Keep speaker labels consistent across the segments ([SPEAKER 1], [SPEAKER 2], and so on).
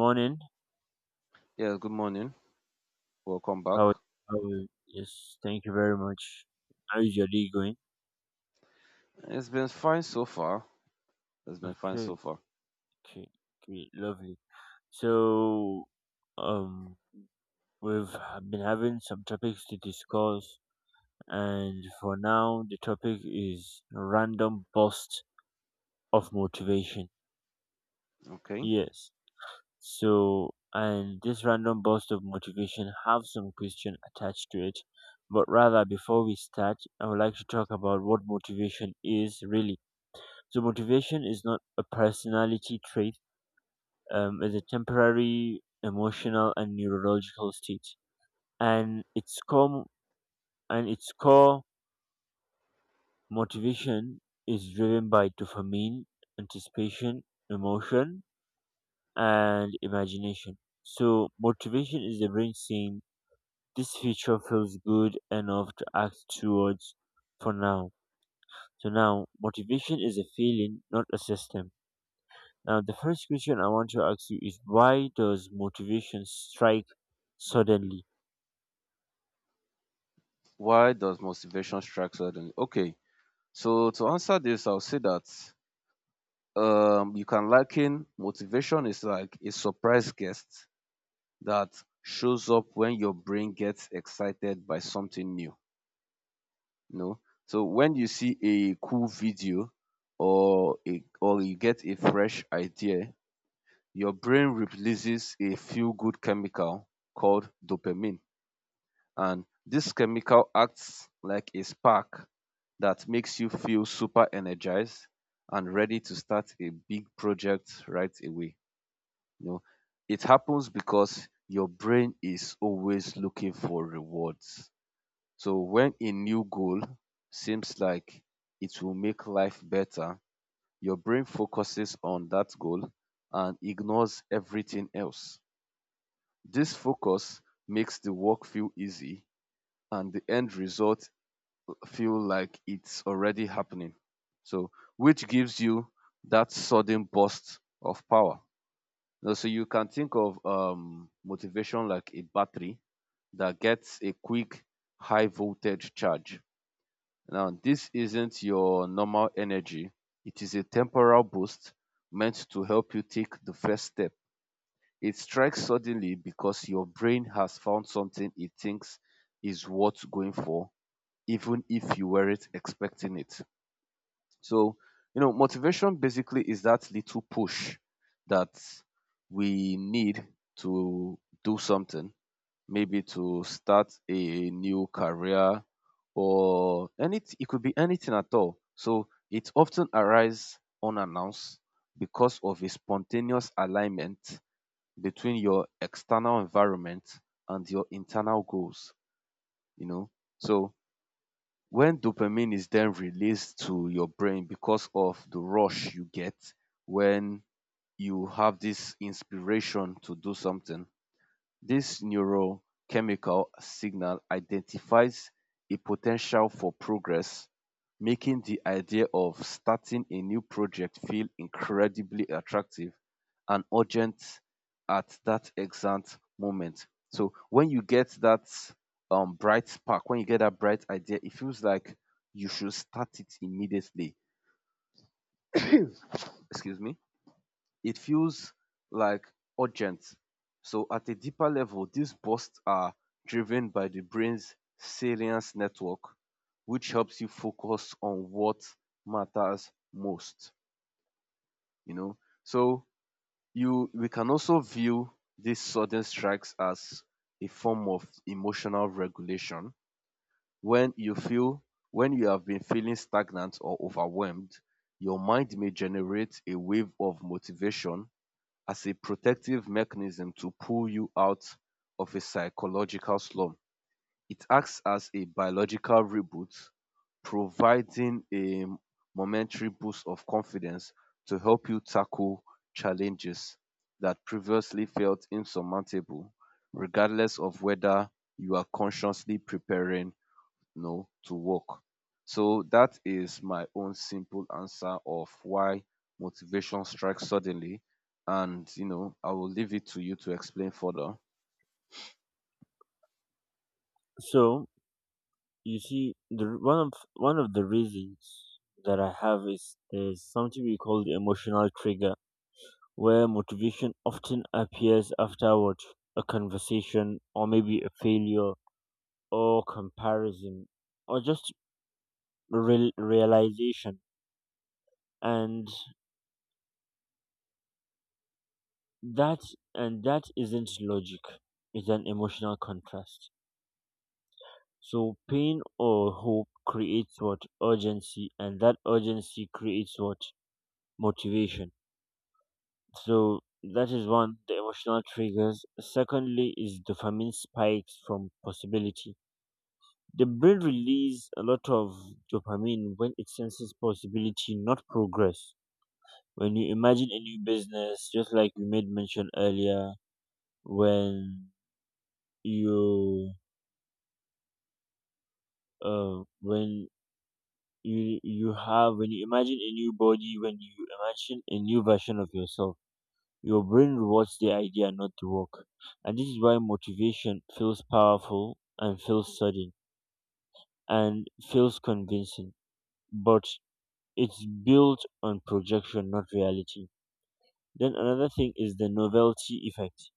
[SPEAKER 1] Morning.
[SPEAKER 2] Yes, good morning. Welcome back.
[SPEAKER 1] How are how are you? Yes, thank you very much. How is your day going?
[SPEAKER 2] It's been fine so far. It's been fine so
[SPEAKER 1] Okay,
[SPEAKER 2] far.
[SPEAKER 1] okay, okay, lovely. So, um, we've been having some topics to discuss, and for now, the topic is random burst of motivation.
[SPEAKER 2] Okay.
[SPEAKER 1] Yes. So, and this random burst of motivation have some question attached to it. But rather, before we start, I would like to talk about what motivation is really. So motivation is not a personality trait. It's a temporary emotional and neurological state. And its core and its core motivation is driven by dopamine, anticipation, emotion, and imagination. So motivation is the brain saying this feature feels good enough to act towards for now. So now motivation is a feeling, not a system. Now, the first question I want to ask you is: why does motivation strike suddenly?
[SPEAKER 2] Why does motivation strike suddenly? Okay. So to answer this, I'll say that you can liken motivation is like a surprise guest that shows up when your brain gets excited by something new. No. So when you see a cool video or you get a fresh idea, your brain releases a feel-good chemical called dopamine, and this chemical acts like a spark that makes you feel super energized and ready to start a big project right away. You know, it happens because your brain is always looking for rewards. So when a new goal seems like it will make life better, your brain focuses on that goal and ignores everything else. This focus makes the work feel easy and the end result feel like it's already happening. So, which gives you that sudden burst of power. Now, so you can think of motivation like a battery that gets a quick high voltage charge. Now, this isn't your normal energy. It is a temporal boost meant to help you take the first step. It strikes suddenly because your brain has found something it thinks is worth going for, even if you weren't expecting it. So, you know, motivation basically is that little push that we need to do something, maybe to start a new career or any it could be anything at all. So it often arises unannounced because of a spontaneous alignment between your external environment and your internal goals, you know. So when dopamine is then released to your brain because of the rush you get when you have this inspiration to do something, this neurochemical signal identifies a potential for progress, making the idea of starting a new project feel incredibly attractive and urgent at that exact moment. So when you get that bright spark, when you get that bright idea, it feels like you should start it immediately. Excuse me, it feels like urgent. So at a deeper level, these bursts are driven by the brain's salience network, which helps you focus on what matters most. You know, so you we can also view these sudden strikes as a form of emotional regulation. When you feel when you have been feeling stagnant or overwhelmed, your mind may generate a wave of motivation as a protective mechanism to pull you out of a psychological slump. It acts as a biological reboot, providing a momentary boost of confidence to help you tackle challenges that previously felt insurmountable, regardless of whether you are consciously preparing, you know, to work. So that is my own simple answer of why motivation strikes suddenly. And, you know, I will leave it to you to explain further.
[SPEAKER 1] So, you see, one of the reasons that I have is there's something we call the emotional trigger, where motivation often appears afterward, a conversation, or maybe a failure, or comparison, or just realization, and that isn't logic; it's an emotional contrast. So pain or hope creates what urgency, and that urgency creates what motivation. So that is one, the emotional triggers. Secondly, is dopamine spikes from possibility. The brain release a lot of dopamine when it senses possibility, not progress. When you imagine a new business, just like you made mention earlier, when you uh, when when you imagine a new body when you imagine a new version of yourself, your brain rewards the idea, not the work. And this is why motivation feels powerful and feels sudden and feels convincing, but it's built on projection, not reality. Then another thing is the novelty effect.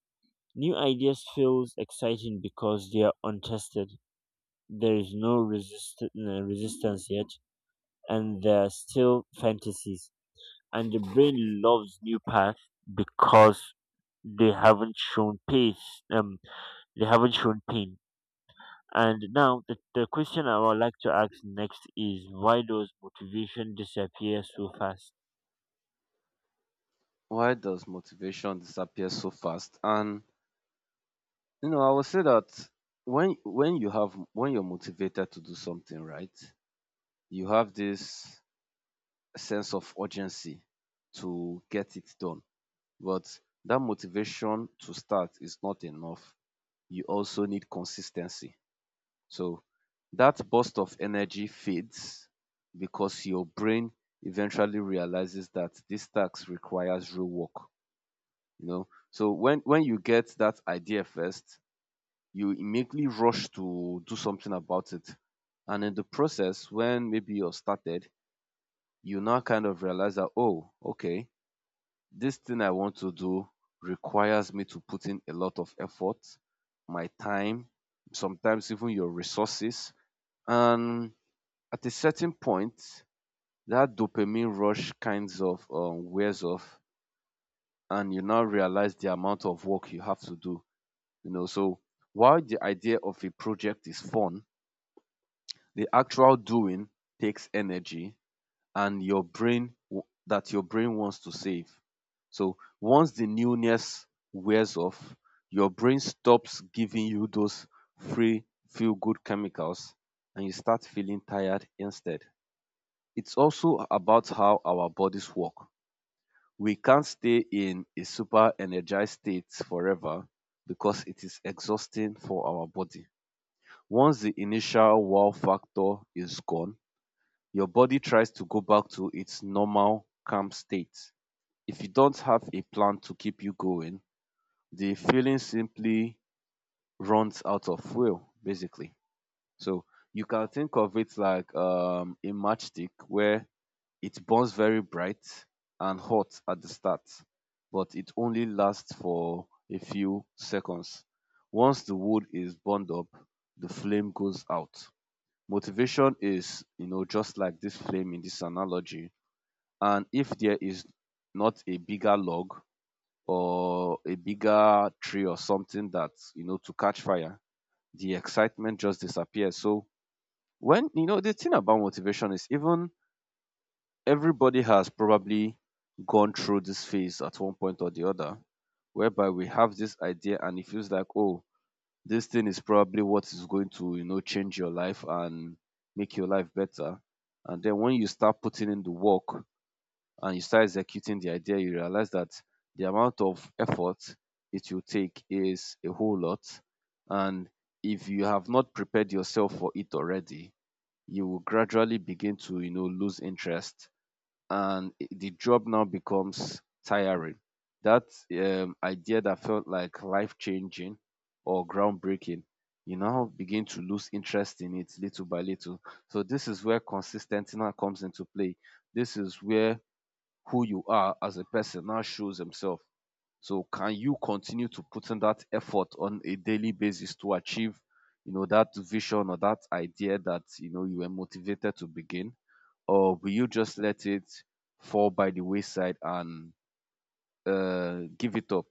[SPEAKER 1] New ideas feels exciting because they are untested. There is no resistance yet, and they're still fantasies. And the brain loves new paths because they haven't shown pace um they haven't shown pain. And now, the question I would like to ask next is: why does motivation disappear so fast?
[SPEAKER 2] Why does motivation disappear so fast? And, you know, I will say that when you're motivated to do something right, you have this sense of urgency to get it done. But that motivation to start is not enough. You also need consistency. So that burst of energy fades because your brain eventually realizes that this task requires real work. You know, so when you get that idea first, you immediately rush to do something about it, and in the process, when maybe you're started, you now kind of realize that, oh, okay, this thing I want to do requires me to put in a lot of effort, my time, sometimes even your resources, and at a certain point that dopamine rush kinds of wears off and you now realize the amount of work you have to do, you know. So while the idea of a project is fun, the actual doing takes energy and your brain wants to save. So once the newness wears off, your brain stops giving you those free feel good chemicals and you start feeling tired instead. It's also about how our bodies work. We can't stay in a super energized state forever because it is exhausting for our body. Once the initial wow factor is gone, your body tries to go back to its normal calm state. If you don't have a plan to keep you going, the feeling simply runs out of fuel, basically. So you can think of it like a matchstick where it burns very bright and hot at the start, but it only lasts for a few seconds. Once the wood is burned up, the flame goes out. Motivation is, you know, just like this flame in this analogy. And if there is not a bigger log or a bigger tree or something that, you know, to catch fire, the excitement just disappears. So, when you know, the thing about motivation is, even everybody has probably gone through this phase at one point or the other, whereby we have this idea and it feels like, oh, this thing is probably what is going to, you know, change your life and make your life better. And then when you start putting in the work and you start executing the idea, you realize that the amount of effort it will take is a whole lot. And if you have not prepared yourself for it already, you will gradually begin to, you know, lose interest and the job now becomes tiring. That idea that felt like life changing or groundbreaking, you now begin to lose interest in it little by little. So, this is where consistency now comes into play. This is where who you are as a person now shows himself. So, can you continue to put in that effort on a daily basis to achieve, you know, that vision or that idea that you know you were motivated to begin? Or will you just let it fall by the wayside and give it up?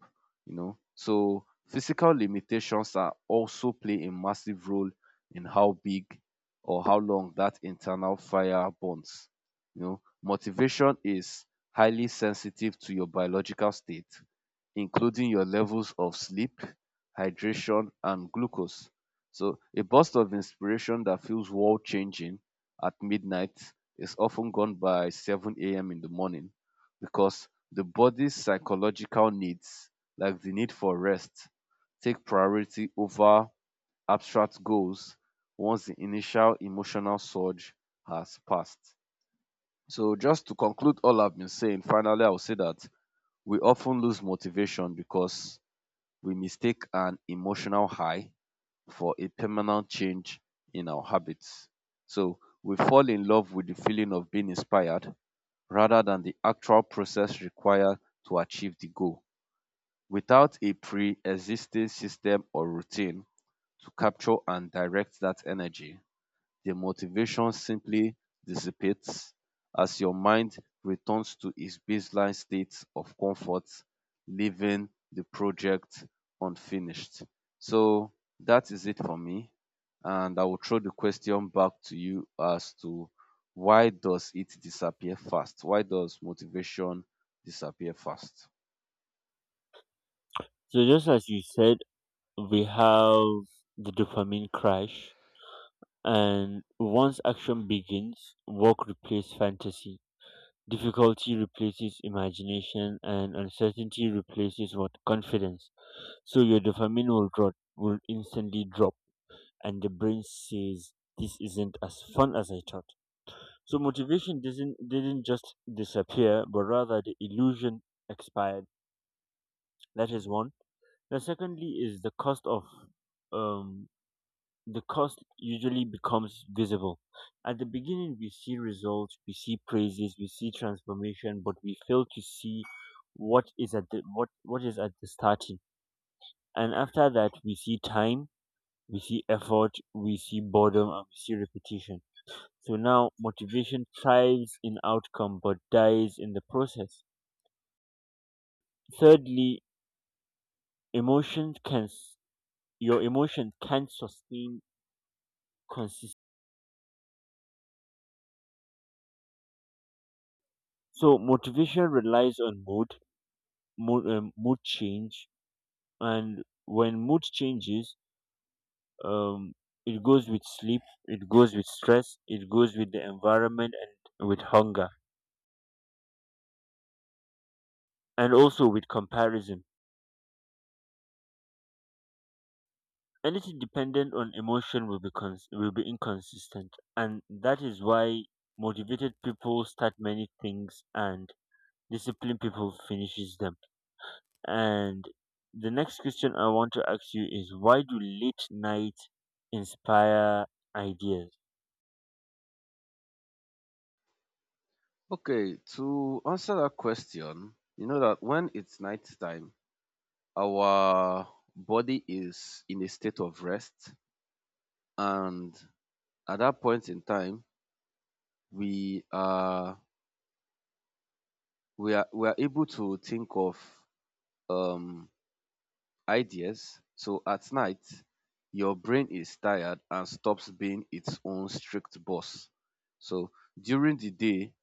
[SPEAKER 2] You know, so physical limitations are also play a massive role in how big or how long that internal fire burns. You know, motivation is highly sensitive to your biological state, including your levels of sleep, hydration and glucose. So a burst of inspiration that feels world changing at midnight is often gone by 7 a.m. in the morning because the body's psychological needs, like the need for rest, take priority over abstract goals once the initial emotional surge has passed. So, just to conclude all I've been saying, finally, I'll say that we often lose motivation because we mistake an emotional high for a permanent change in our habits. So, we fall in love with the feeling of being inspired rather than the actual process required to achieve the goal. Without a pre-existing system or routine to capture and direct that energy, the motivation simply dissipates as your mind returns to its baseline state of comfort, leaving the project unfinished. So that is it for me, and I will throw the question back to you as to why does it disappear fast? Why does motivation disappear fast?
[SPEAKER 1] So, just as you said, we have the dopamine crash. And once action begins, work replaces fantasy, difficulty replaces imagination, and uncertainty replaces what confidence. So your dopamine will instantly drop, and the brain says this isn't as fun as I thought. So motivation doesn't didn't just disappear, but rather the illusion expired. That is one. The secondly is the cost um usually becomes visible. At the beginning we see results, we see praises, we see transformation, but we fail to see what is at the starting. And after that, we see time, we see effort, we see boredom, and we see repetition. So now motivation thrives in outcome but dies in the process. Thirdly, emotions can s- your emotion can sustain consistency. So motivation relies on mood change, and when mood changes, um, it goes with sleep, it goes with stress, it goes with the environment, and with hunger, and also with comparison. Anything dependent on emotion will be inconsistent. And that is why motivated people start many things, and disciplined people finishes them. And the next question I want to ask you is: why do late night inspire ideas?
[SPEAKER 2] Okay, to answer that question, you know that when it's nighttime, our body is in a state of rest, and at that point in time, we are we are able to think of um ideas. So at night, your brain is tired and stops being its own strict boss. So during the day,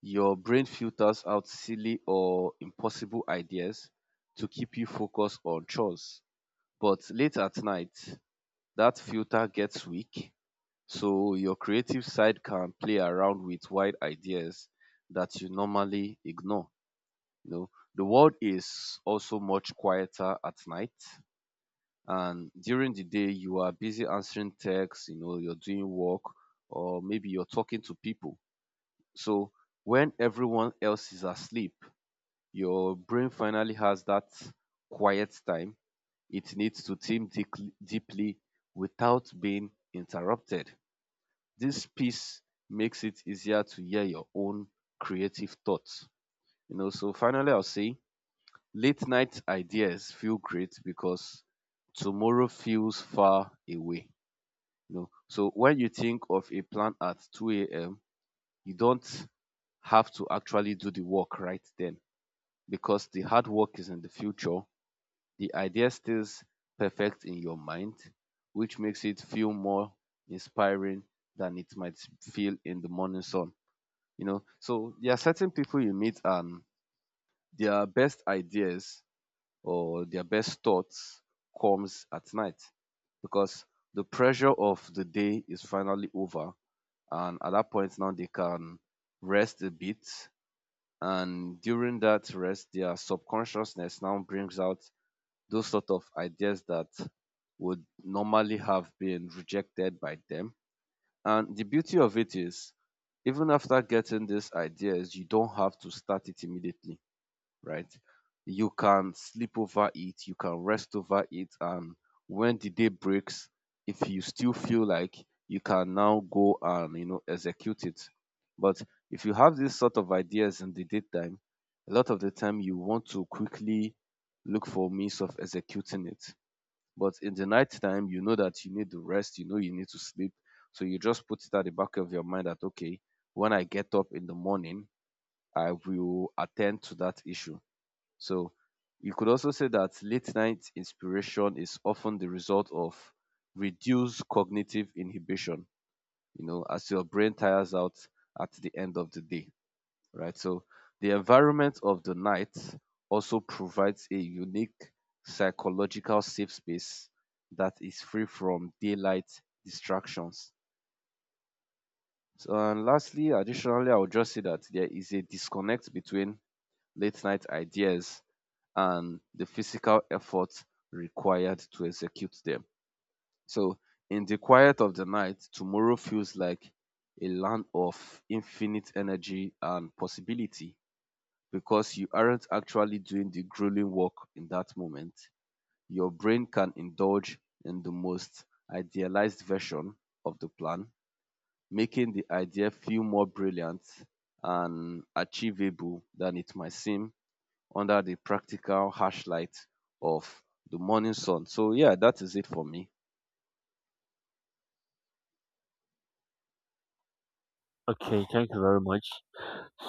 [SPEAKER 2] your brain filters out silly or impossible ideas to keep you focused on chores. But late at night, that filter gets weak, so your creative side can play around with wild ideas that you normally ignore. You know, the world is also much quieter at night, and during the day, you are busy answering texts, you know, you're doing work, or maybe you're talking to people. So when everyone else is asleep, your brain finally has that quiet time it needs to think deeply, deeply, without being interrupted. This piece makes it easier to hear your own creative thoughts. You know, so finally I'll say late night ideas feel great because tomorrow feels far away. You know, so when you think of a plan at 2 a.m., you don't have to actually do the work right then because the hard work is in the future. The idea stays perfect in your mind, which makes it feel more inspiring than it might feel in the morning sun. You know, so there are certain people you meet and their best ideas or their best thoughts comes at night because the pressure of the day is finally over and at that point now they can rest a bit, and during that rest their subconsciousness now brings out those sort of ideas that would normally have been rejected by them. And the beauty of it is, even after getting these ideas, you don't have to start it immediately, right? You can sleep over it, you can rest over it, and when the day breaks, if you still feel like, you can now go and, you know, execute it. But if you have this sort of ideas in the daytime, a lot of the time you want to quickly look for means of executing it. But in the night time, you know that you need to rest, you know you need to sleep. So you just put it at the back of your mind that okay, when I get up in the morning, I will attend to that issue. So you could also say that late night inspiration is often the result of reduced cognitive inhibition, you know, as your brain tires out at the end of the day, right? So the environment of the night also provides a unique psychological safe space that is free from daylight distractions. So, and lastly, additionally, I would just say that there is a disconnect between late night ideas and the physical effort required to execute them. So, in the quiet of the night, tomorrow feels like a land of infinite energy and possibility because you aren't actually doing the grueling work in that moment. Your brain can indulge in the most idealized version of the plan, making the idea feel more brilliant and achievable than it might seem under the practical harsh light of the morning sun. So yeah, that is it for me.
[SPEAKER 1] Okay, thank you very much.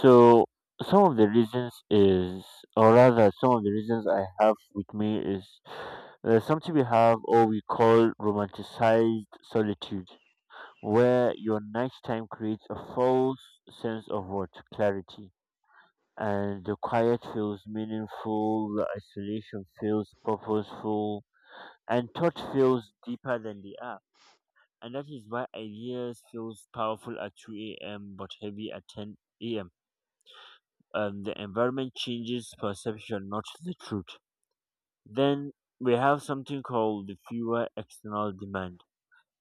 [SPEAKER 1] So, some of the reasons is, or rather, some of the reasons I have with me is something we have, or we call, romanticized solitude, where your nighttime creates a false sense of what clarity, and the quiet feels meaningful, the isolation feels purposeful, and thought feels deeper than they are. And that is why ideas feels powerful at 2 a.m but heavy at 10 a.m. The environment changes perception, not the truth. Then, we have something called the fewer external demand.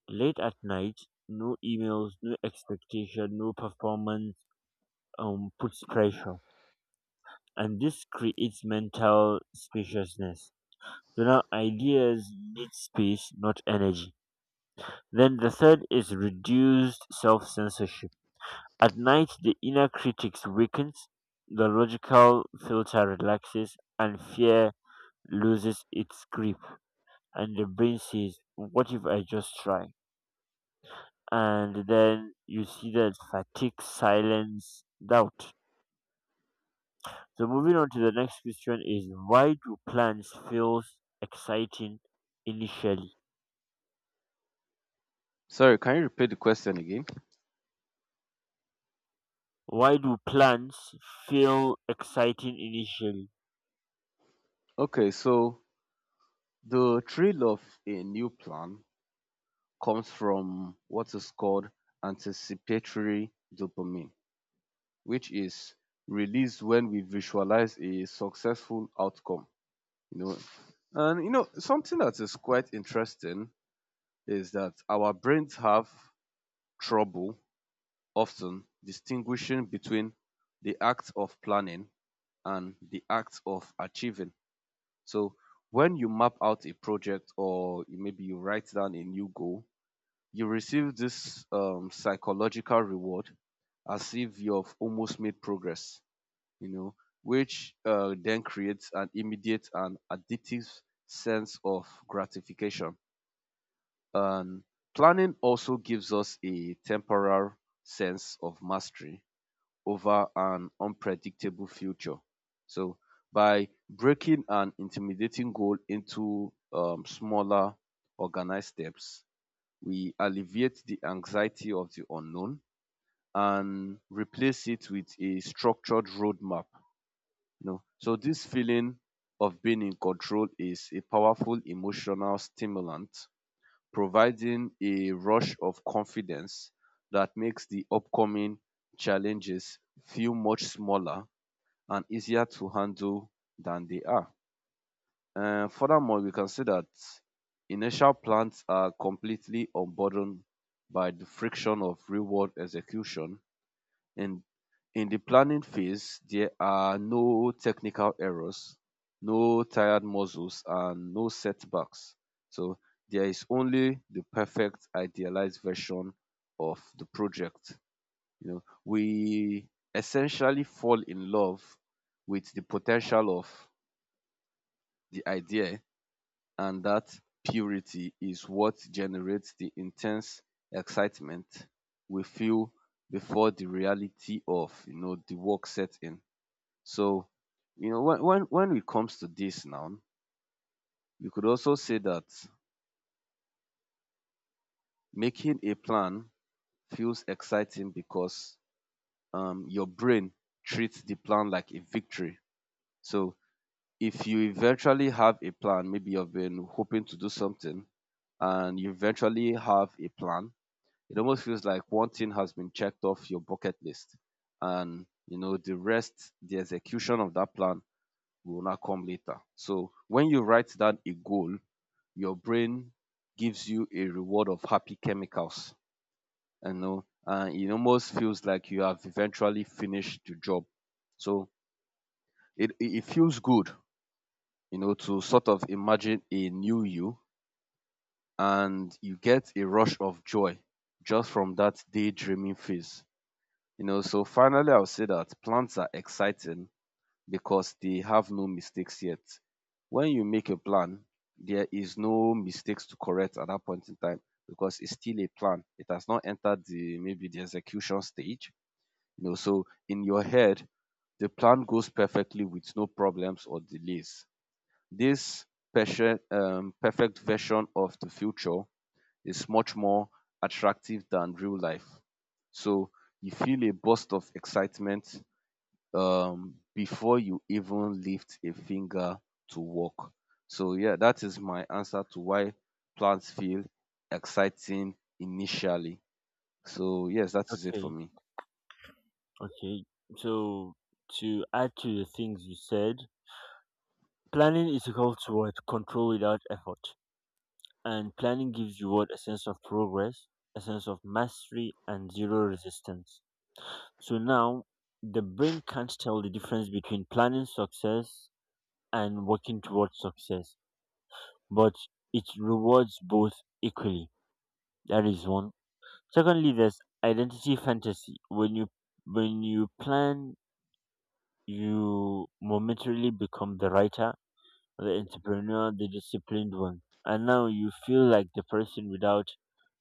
[SPEAKER 1] Late at night, no emails, no expectation, no performance puts pressure, and this creates mental spaciousness. So now ideas need space, not energy. Then the third is reduced self censorship. At night, the inner critic weakens, the logical filter relaxes, and fear loses its grip. And the brain says, what if I just try? And then you see that fatigue, silence, doubt. So, moving on to the next question is: why do plants feel exciting initially?
[SPEAKER 2] Sorry, can you repeat the question again?
[SPEAKER 1] Why do plants feel exciting initially?
[SPEAKER 2] Okay, so the thrill of a new plan comes from what is called anticipatory dopamine, which is released when we visualize a successful outcome. You know, and you know something that is quite interesting is that our brains have trouble often distinguishing between the act of planning and the act of achieving. So when you map out a project or you- maybe you write down a new goal, you receive this psychological reward as if you've almost made progress, you know, which then creates an immediate and addictive sense of gratification. And planning also gives us a temporal sense of mastery over an unpredictable future. So by breaking an intimidating goal into smaller, organized steps, we alleviate the anxiety of the unknown and replace it with a structured roadmap. You know? So this feeling of being in control is a powerful emotional stimulant, providing a rush of confidence that makes the upcoming challenges feel much smaller and easier to handle than they are. Furthermore, we can see that initial plans are completely unburdened by the friction of real world execution. In, in the planning phase, there are no technical errors, no tired muscles, and no setbacks. So there is only the perfect idealized version of the project. You know, we essentially fall in love with the potential of the idea, and that purity is what generates the intense excitement we feel before the reality of you know the work set in. So, you know, when it comes to this now, we could also say that making a plan feels exciting because your brain treats the plan like a victory. So if you eventually have a plan, maybe you've been hoping to do something and you eventually have a plan, it almost feels like one thing has been checked off your bucket list. And, you know, the rest, the execution of that plan will not come later. So when you write down a goal, your brain gives you a reward of happy chemicals, you know, and it almost feels like you have eventually finished the job. So it feels good, you know, to sort of imagine a new you and you get a rush of joy just from that daydreaming phase. You know, so finally I'll say that plans are exciting because they have no mistakes yet. When you make a plan, there is no mistakes to correct at that point in time because it's still a plan. It has not entered the maybe the execution stage. You know, so in your head, the plan goes perfectly with no problems or delays. This perfect version of the future is much more attractive than real life. So you feel a burst of excitement, before you even lift a finger to work. So yeah, that is my answer to why plants feel exciting initially. So yes, that is it for
[SPEAKER 1] Okay,
[SPEAKER 2] me.
[SPEAKER 1] okay. So, to add to the things you said, planning is equal to what control without effort, and planning gives you what a sense of progress, a sense of mastery, and zero resistance. So now the brain can't tell the difference between planning success and working towards success, but it rewards both equally. That is one. Secondly, there's identity fantasy. When you plan, you momentarily become the writer, the entrepreneur, the disciplined one, and now you feel like the person without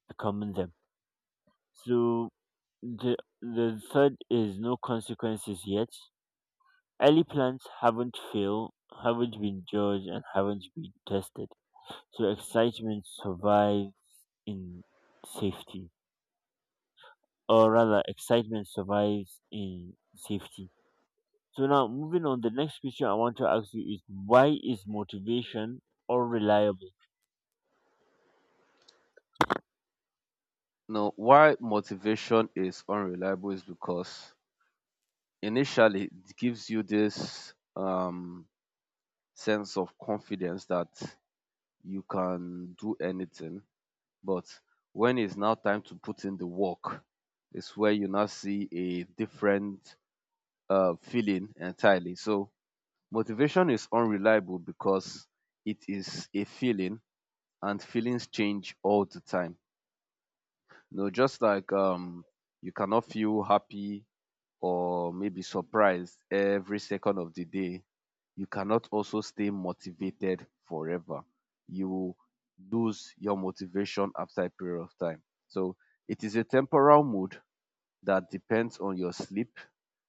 [SPEAKER 1] becoming them. So the third is no consequences yet. Early plans haven't failed, haven't been judged, and haven't been tested. So excitement survives in safety, or rather, excitement survives in safety. So now, moving on, the next question I want to ask you is: why is motivation unreliable?
[SPEAKER 2] Now, why motivation is unreliable is because initially it gives you this sense of confidence that you can do anything. But when it's now time to put in the work, it's where you now see a different feeling entirely. So motivation is unreliable because it is a feeling and feelings change all the time. You know, just like you cannot feel happy or maybe surprised every second of the day, you cannot also stay motivated forever. You will lose your motivation after a period of time. So it is a temporal mood that depends on your sleep,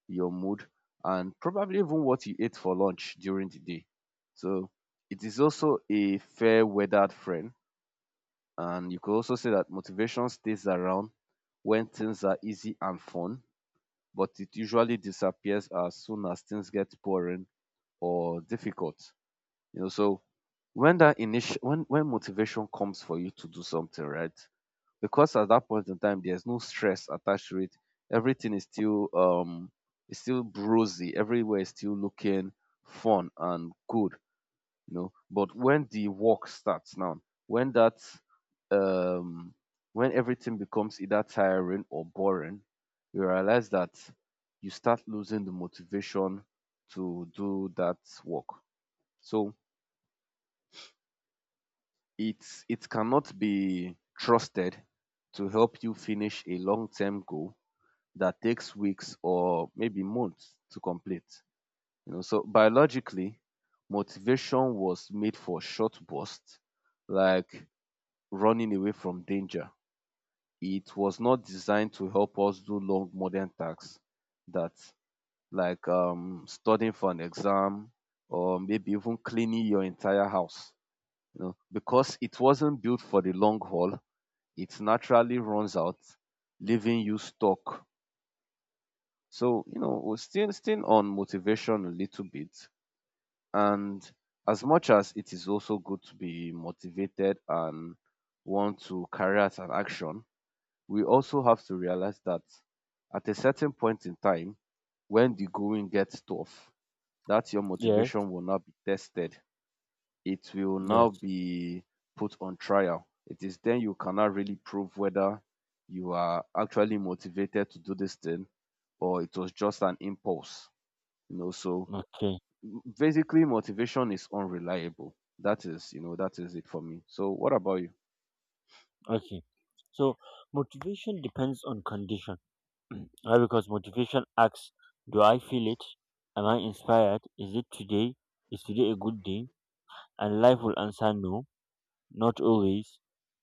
[SPEAKER 2] your mood, and probably even what you ate for lunch during the day. So it is also a fair weathered friend. And you could also say that motivation stays around when things are easy and fun but it usually disappears as soon as things get boring or difficult. You know, so when that initial, when motivation comes for you to do something, right? Because at that point in time there's no stress attached to it. Everything is still it's still brosy. Everywhere is still looking fun and good, you know, but when the work starts now, when that, um when everything becomes either tiring or boring, you realize that you start losing the motivation to do that work. So it cannot be trusted to help you finish a long-term goal that takes weeks or maybe months to complete. You know, so biologically motivation was made for short bursts, like running away from danger. It was not designed to help us do long modern tasks that, like, studying for an exam or maybe even cleaning your entire house. You know, because it wasn't built for the long haul, it naturally runs out, leaving you stuck. So you know, we're still on motivation a little bit, and as much as it is also good to be motivated and want to carry out an action, we also have to realize that at a certain point in time, when the going gets tough, that your
[SPEAKER 1] Yes,
[SPEAKER 2] motivation will now be tested. It will now
[SPEAKER 1] yes.
[SPEAKER 2] be put on trial. It is then you cannot really prove whether you are actually motivated to do this thing or it was just an impulse. You know, so
[SPEAKER 1] Okay,
[SPEAKER 2] basically motivation is unreliable. That is, you know, that is it for me. So what about you?
[SPEAKER 1] okay. So motivation depends on condition. Why? Because motivation asks, do I feel it? Am I inspired? Is it today? Is today a good day? And life will answer no, not always,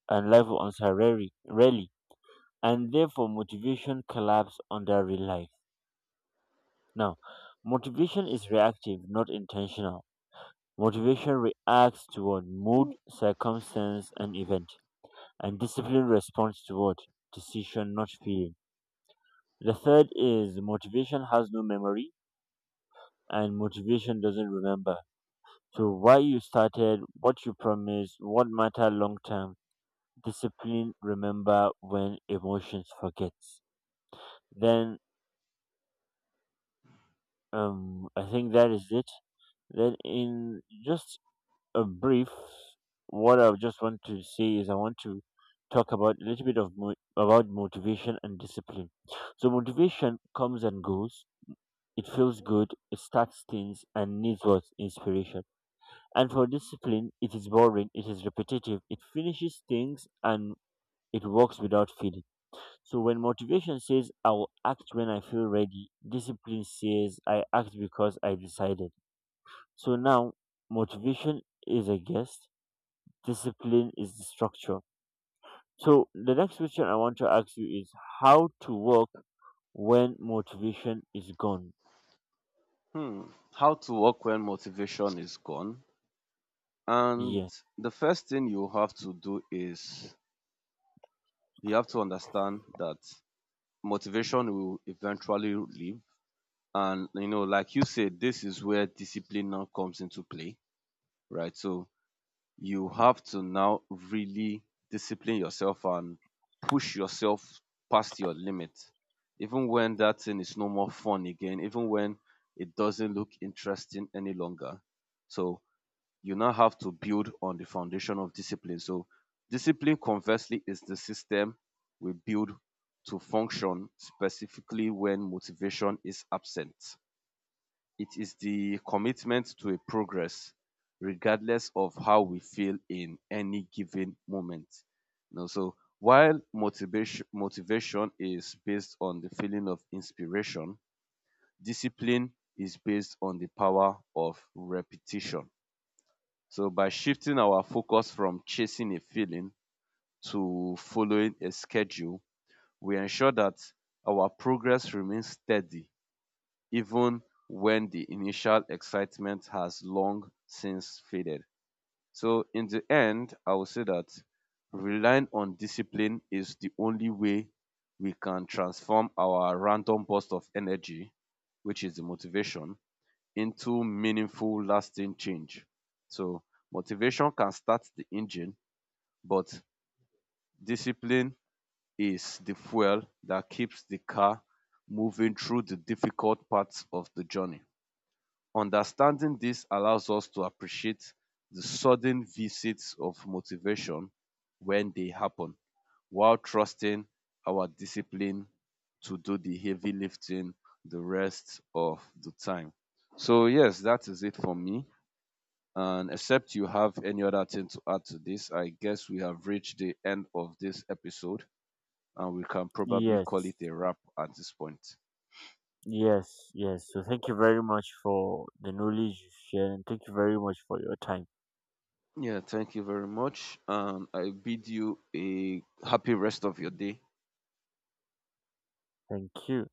[SPEAKER 1] and life will answer rarely. Rarely. And therefore motivation collapse under real life. Now, motivation is reactive, not intentional. Motivation reacts toward mood, circumstance, and event, and discipline responds toward decision, not feeling. The third is motivation has no memory, and motivation doesn't remember. So, why you started, what you promised, what matter long term, discipline remember when emotions forgets. Then, I think that is it. Then, in just a brief, what I just want to say is I want to talk about a little bit of about motivation and discipline. So, motivation comes and goes. It feels good. It starts things and needs what inspiration. And for discipline, it is boring. It is repetitive. It finishes things, and it works without feeling. So when motivation says I will act when I feel ready, discipline says I act because I decided. So now motivation is a guest, discipline is the structure. So the next question I want to ask you is: how to work when motivation is gone.
[SPEAKER 2] Hmm. How to work when motivation is gone? And
[SPEAKER 1] Yes.
[SPEAKER 2] the first thing you have to do is you have to understand that motivation will eventually leave. And you know, like you said, this is where discipline now comes into play, right? So you have to now really discipline yourself and push yourself past your limit, even when that thing is no more fun again, even when it doesn't look interesting any longer. So you now have to build on the foundation of discipline. So, discipline, conversely, is the system we build to function specifically when motivation is absent. It is the commitment to a progress, regardless of how we feel in any given moment. You know, so, while motivation is based on the feeling of inspiration, discipline is based on the power of repetition. So by shifting our focus from chasing a feeling to following a schedule, we ensure that our progress remains steady even when the initial excitement has long since faded. So in the end, I would say that relying on discipline is the only way we can transform our random burst of energy, which is the motivation, into meaningful, lasting change. So motivation can start the engine, but discipline is the fuel that keeps the car moving through the difficult parts of the journey. Understanding this allows us to appreciate the sudden visits of motivation when they happen, while trusting our discipline to do the heavy lifting the rest of the time. So, yes, that is it for me. And except you have any other thing to add to this, I guess we have reached the end of this episode and we can probably call
[SPEAKER 1] Yes.
[SPEAKER 2] it a wrap at this point.
[SPEAKER 1] Yes. Yes. So thank you very much for the knowledge you shared and thank you very much for your time.
[SPEAKER 2] Yeah, thank you very much. And I bid you a happy rest of your day.
[SPEAKER 1] Thank you.